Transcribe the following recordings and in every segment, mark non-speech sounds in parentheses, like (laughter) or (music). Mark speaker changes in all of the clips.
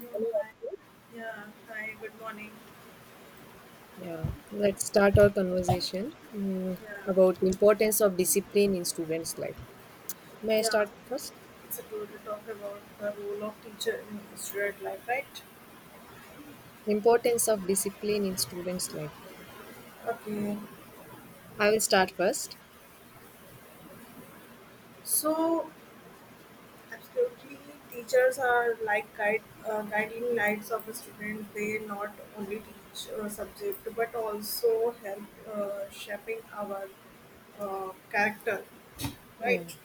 Speaker 1: No, hi. Yeah, hi, good morning.
Speaker 2: Yeah, let's start our conversation
Speaker 1: Yeah,
Speaker 2: about the importance of discipline in students' life. May I
Speaker 1: yeah.
Speaker 2: start first?
Speaker 1: It's a tool to talk about the role of teacher in student life, right?
Speaker 2: Importance of discipline in students' life.
Speaker 1: Okay.
Speaker 2: I will start first.
Speaker 1: So, absolutely, teachers are like guide, guiding lights of a student. They not only teach a subject but also help shaping our character,
Speaker 2: Yeah.
Speaker 1: right?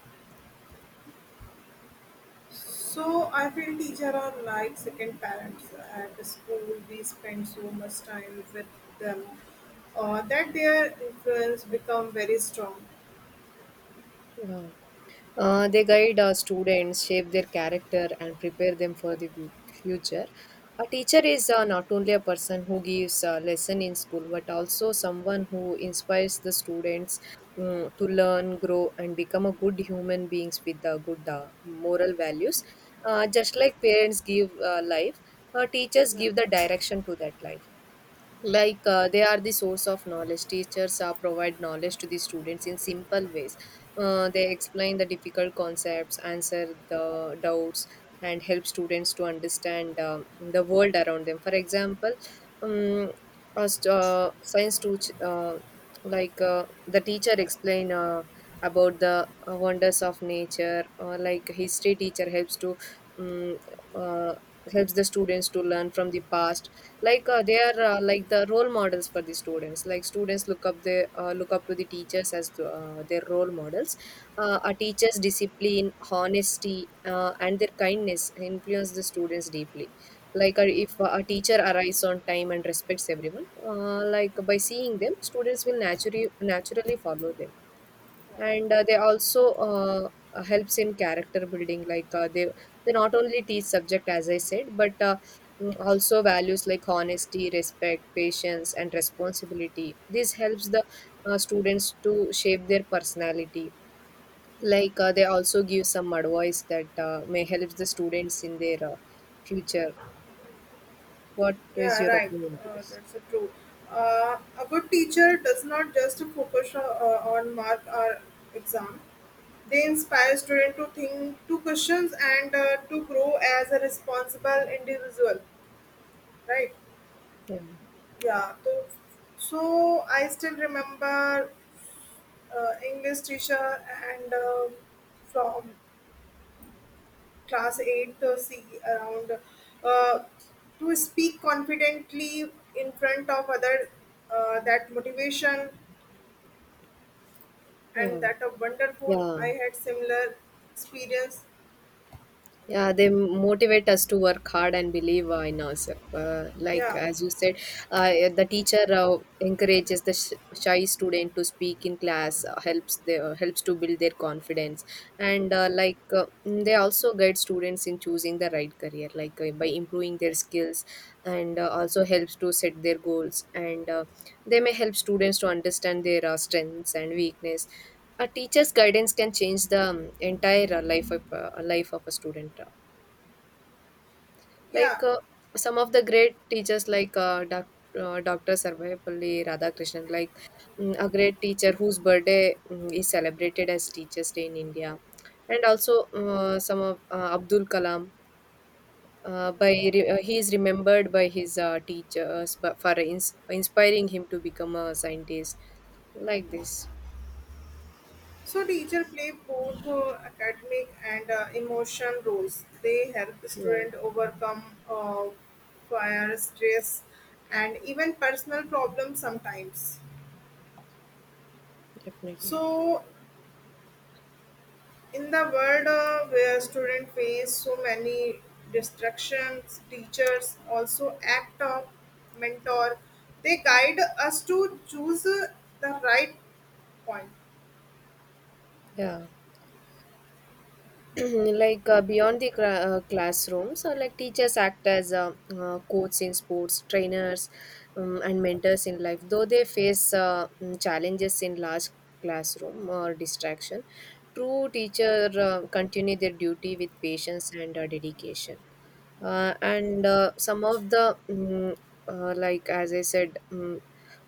Speaker 1: So I feel teacher are like second parents at school. We spend so much time with them that their influence become very strong.
Speaker 2: Yeah. They guide our students, shape their character, and prepare them for the future. A teacher is not only a person who gives a lesson in school, but also someone who inspires the students to learn, grow, and become a good human beings with good moral values. Just like parents give life, teachers
Speaker 1: Yeah.
Speaker 2: give the direction to that life. Like, they are the source of knowledge. Teachers provide knowledge to the students in simple ways. They explain the difficult concepts, answer the doubts, and help students to understand the world around them. For example, um, as science to uh, like the teacher explain about the wonders of nature, or like history teacher helps to um, uh, helps the students to learn from the past. Like, they are, like the role models for the students. Like, students look up the, look up to the teachers as their role models. A teacher's discipline, honesty, and their kindness influence the students deeply. Like, if a teacher arrives on time and respects everyone, like by seeing them, students will naturally follow them. And they also helps in character building. Like, they not only teach subject, as I said, but also values like honesty, respect, patience, and responsibility. This helps the students to shape their personality. Like, they also give some advice that may help the students in their future. What is
Speaker 1: Yeah,
Speaker 2: your
Speaker 1: right.
Speaker 2: opinion on this?
Speaker 1: That's a true. A good teacher does not just focus on mark or exam. They inspire students to think, to questions, and to grow as a responsible individual. Right?
Speaker 2: Yeah.
Speaker 1: Yeah. So, I still remember English teacher and from class 8 to C around uh, to speak confidently in front of other that motivation and
Speaker 2: Yeah.
Speaker 1: that a wonderful
Speaker 2: Yeah.
Speaker 1: I had similar experience,
Speaker 2: Yeah, they motivate us to work hard and believe in ourselves. Like,
Speaker 1: yeah,
Speaker 2: as you said, the teacher encourages the shy student to speak in class, helps the helps to build their confidence, and they also guide students in choosing the right career, like by improving their skills, and also helps to set their goals, and they may help students to understand their strengths and weakness. A teacher's guidance can change the entire life of a student.
Speaker 1: yeah,
Speaker 2: Like, some of the great teachers, like Dr. Sarvayapalli Radhakrishnan, like a great teacher whose birthday is celebrated as Teachers' Day in India, and also some of Abdul Kalam.
Speaker 1: right.
Speaker 2: He is remembered by his teachers for inspiring him to become a scientist like
Speaker 1: Alright.
Speaker 2: this.
Speaker 1: So teacher play both academic and emotion roles, they help the
Speaker 2: Yeah,
Speaker 1: student overcome fire stress and even personal problems sometimes.
Speaker 2: definitely.
Speaker 1: So in the world where students face so many distractions, teachers also act of mentor. They guide us to choose the right point.
Speaker 2: Yeah. (clears throat) Beyond the classrooms, like teachers act as coaches in sports, trainers, and mentors in life. Though they face challenges in large classroom or distraction, true teacher continue their duty with patience and dedication. And some of the mm, like, as I said, mm,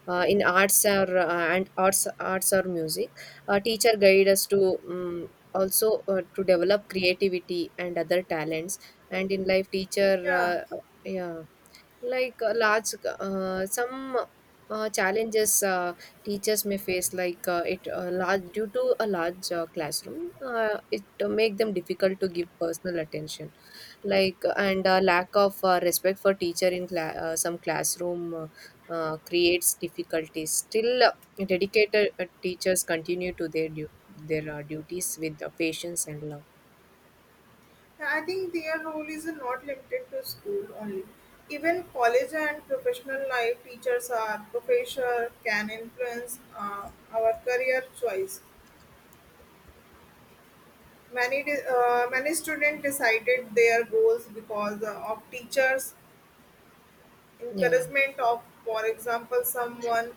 Speaker 2: uh, in arts, or and arts arts or music, a teacher guide us to mm, also to develop creativity and other talents. And in life, teacher
Speaker 1: Yeah,
Speaker 2: yeah, like large, some challenges teachers may face, like it large due to a large classroom, it make them difficult to give personal attention, like, and lack of respect for teacher in some classroom creates difficulties. Still, dedicated teachers continue to their their duties with patience and love.
Speaker 1: I think their role is not limited to school only. Even college and professional life, teachers are professor can influence our career choice. Many students decided their goals because of teachers
Speaker 2: Yeah.
Speaker 1: encouragement of, for example, someone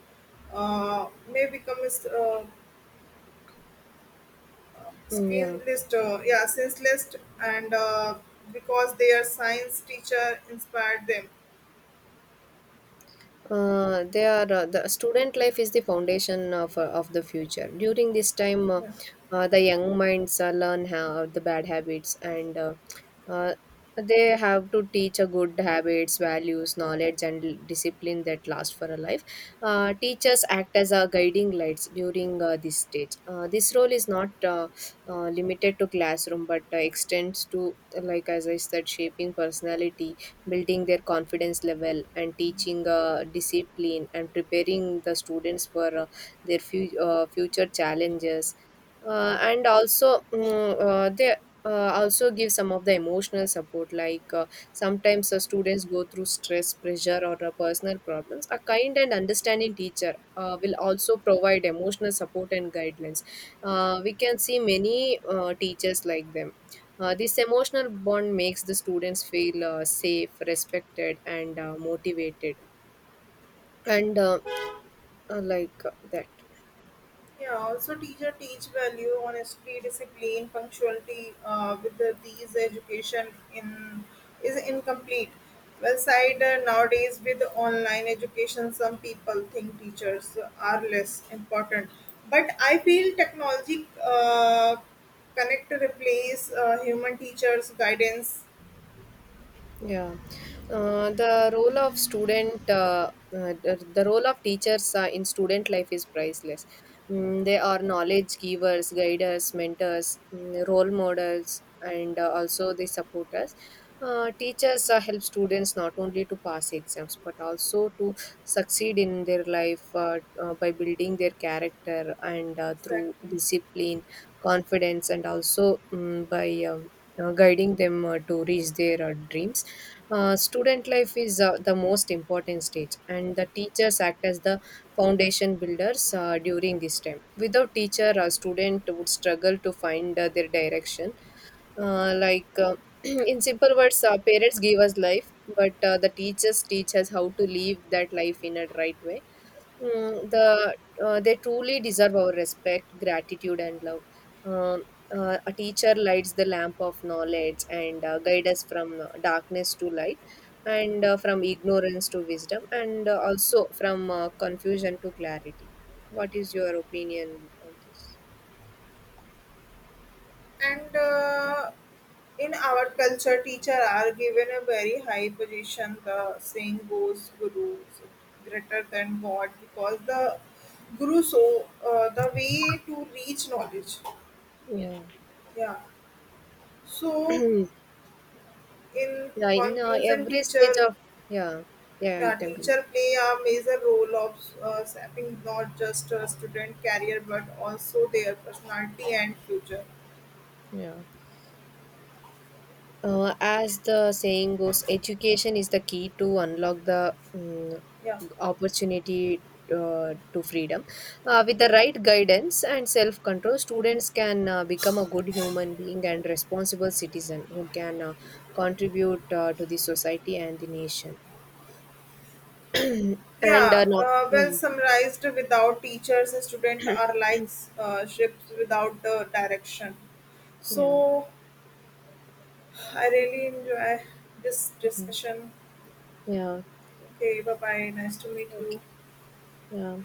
Speaker 1: may become
Speaker 2: Mm,
Speaker 1: screen
Speaker 2: yeah.
Speaker 1: list, yeah, senseless, and because their science teacher inspired them.
Speaker 2: The student life is the foundation of the future. During this time,
Speaker 1: Yeah.
Speaker 2: the young minds learn how the bad habits, and uh, they have to teach a good habits, values, knowledge, and discipline that last for a life. Teachers act as a guiding lights during this stage. This role is not limited to classroom, but extends to, like as I said, shaping personality, building their confidence level, and teaching discipline, and preparing the students for their future challenges. And also they also give some of the emotional support. Like, sometimes students go through stress, pressure, or personal problems. A kind and understanding teacher will also provide emotional support and guidelines. We can see many teachers like them. This emotional bond makes the students feel safe, respected, and motivated, and like that.
Speaker 1: Yeah, also teacher teach value, honesty, discipline, punctuality. With the, these education in is incomplete. Well, side nowadays with online education, some people think teachers are less important. But I feel technology connect replace human teachers' guidance,
Speaker 2: Yeah, the role of student, the role of teachers in student life is priceless. Mm, they are knowledge givers, guiders, mentors, role models, and also they support us. Teachers help students not only to pass exams but also to succeed in their life by building their character and through
Speaker 1: exactly,
Speaker 2: discipline, confidence, and also by guiding them to reach their dreams. Student life is the most important stage, and the teachers act as the foundation builders during this time. Without teacher, a student would struggle to find their direction. Uh, like uh, (clears throat) in simple words, parents give us life, but the teachers teach us how to live that life in a right way. Mm, they truly deserve our respect, gratitude, and love. Um, a teacher lights the lamp of knowledge, and guide us from darkness to light, and from ignorance to wisdom, and also from confusion to clarity. What is your opinion on this?
Speaker 1: and. In our culture, teachers are given a very high position. The saying goes, "Guru is greater than God," because the guru so the way to reach knowledge.
Speaker 2: Yeah,
Speaker 1: Yeah.
Speaker 2: (clears throat)
Speaker 1: So,
Speaker 2: yeah.
Speaker 1: in
Speaker 2: In
Speaker 1: conclusion,
Speaker 2: every stage
Speaker 1: teacher
Speaker 2: of, yeah, yeah, you
Speaker 1: the
Speaker 2: can.
Speaker 1: teacher
Speaker 2: Continue.
Speaker 1: play a major role of shaping not just a student career but also their personality and future.
Speaker 2: Yeah. As the saying goes, education is the key to unlock the
Speaker 1: Yeah.
Speaker 2: opportunity, to freedom. With the right guidance and self control, students can become a good human being and responsible citizen who can contribute to the society and the nation. (clears throat) And
Speaker 1: Yeah,
Speaker 2: no, yeah,
Speaker 1: well summarized, without teachers, students
Speaker 2: (clears throat)
Speaker 1: are like ships without the direction.
Speaker 2: yeah,
Speaker 1: So I really enjoy this discussion.
Speaker 2: yeah, yeah.
Speaker 1: Okay, bye bye. Nice to meet you.
Speaker 2: Okay, yeah.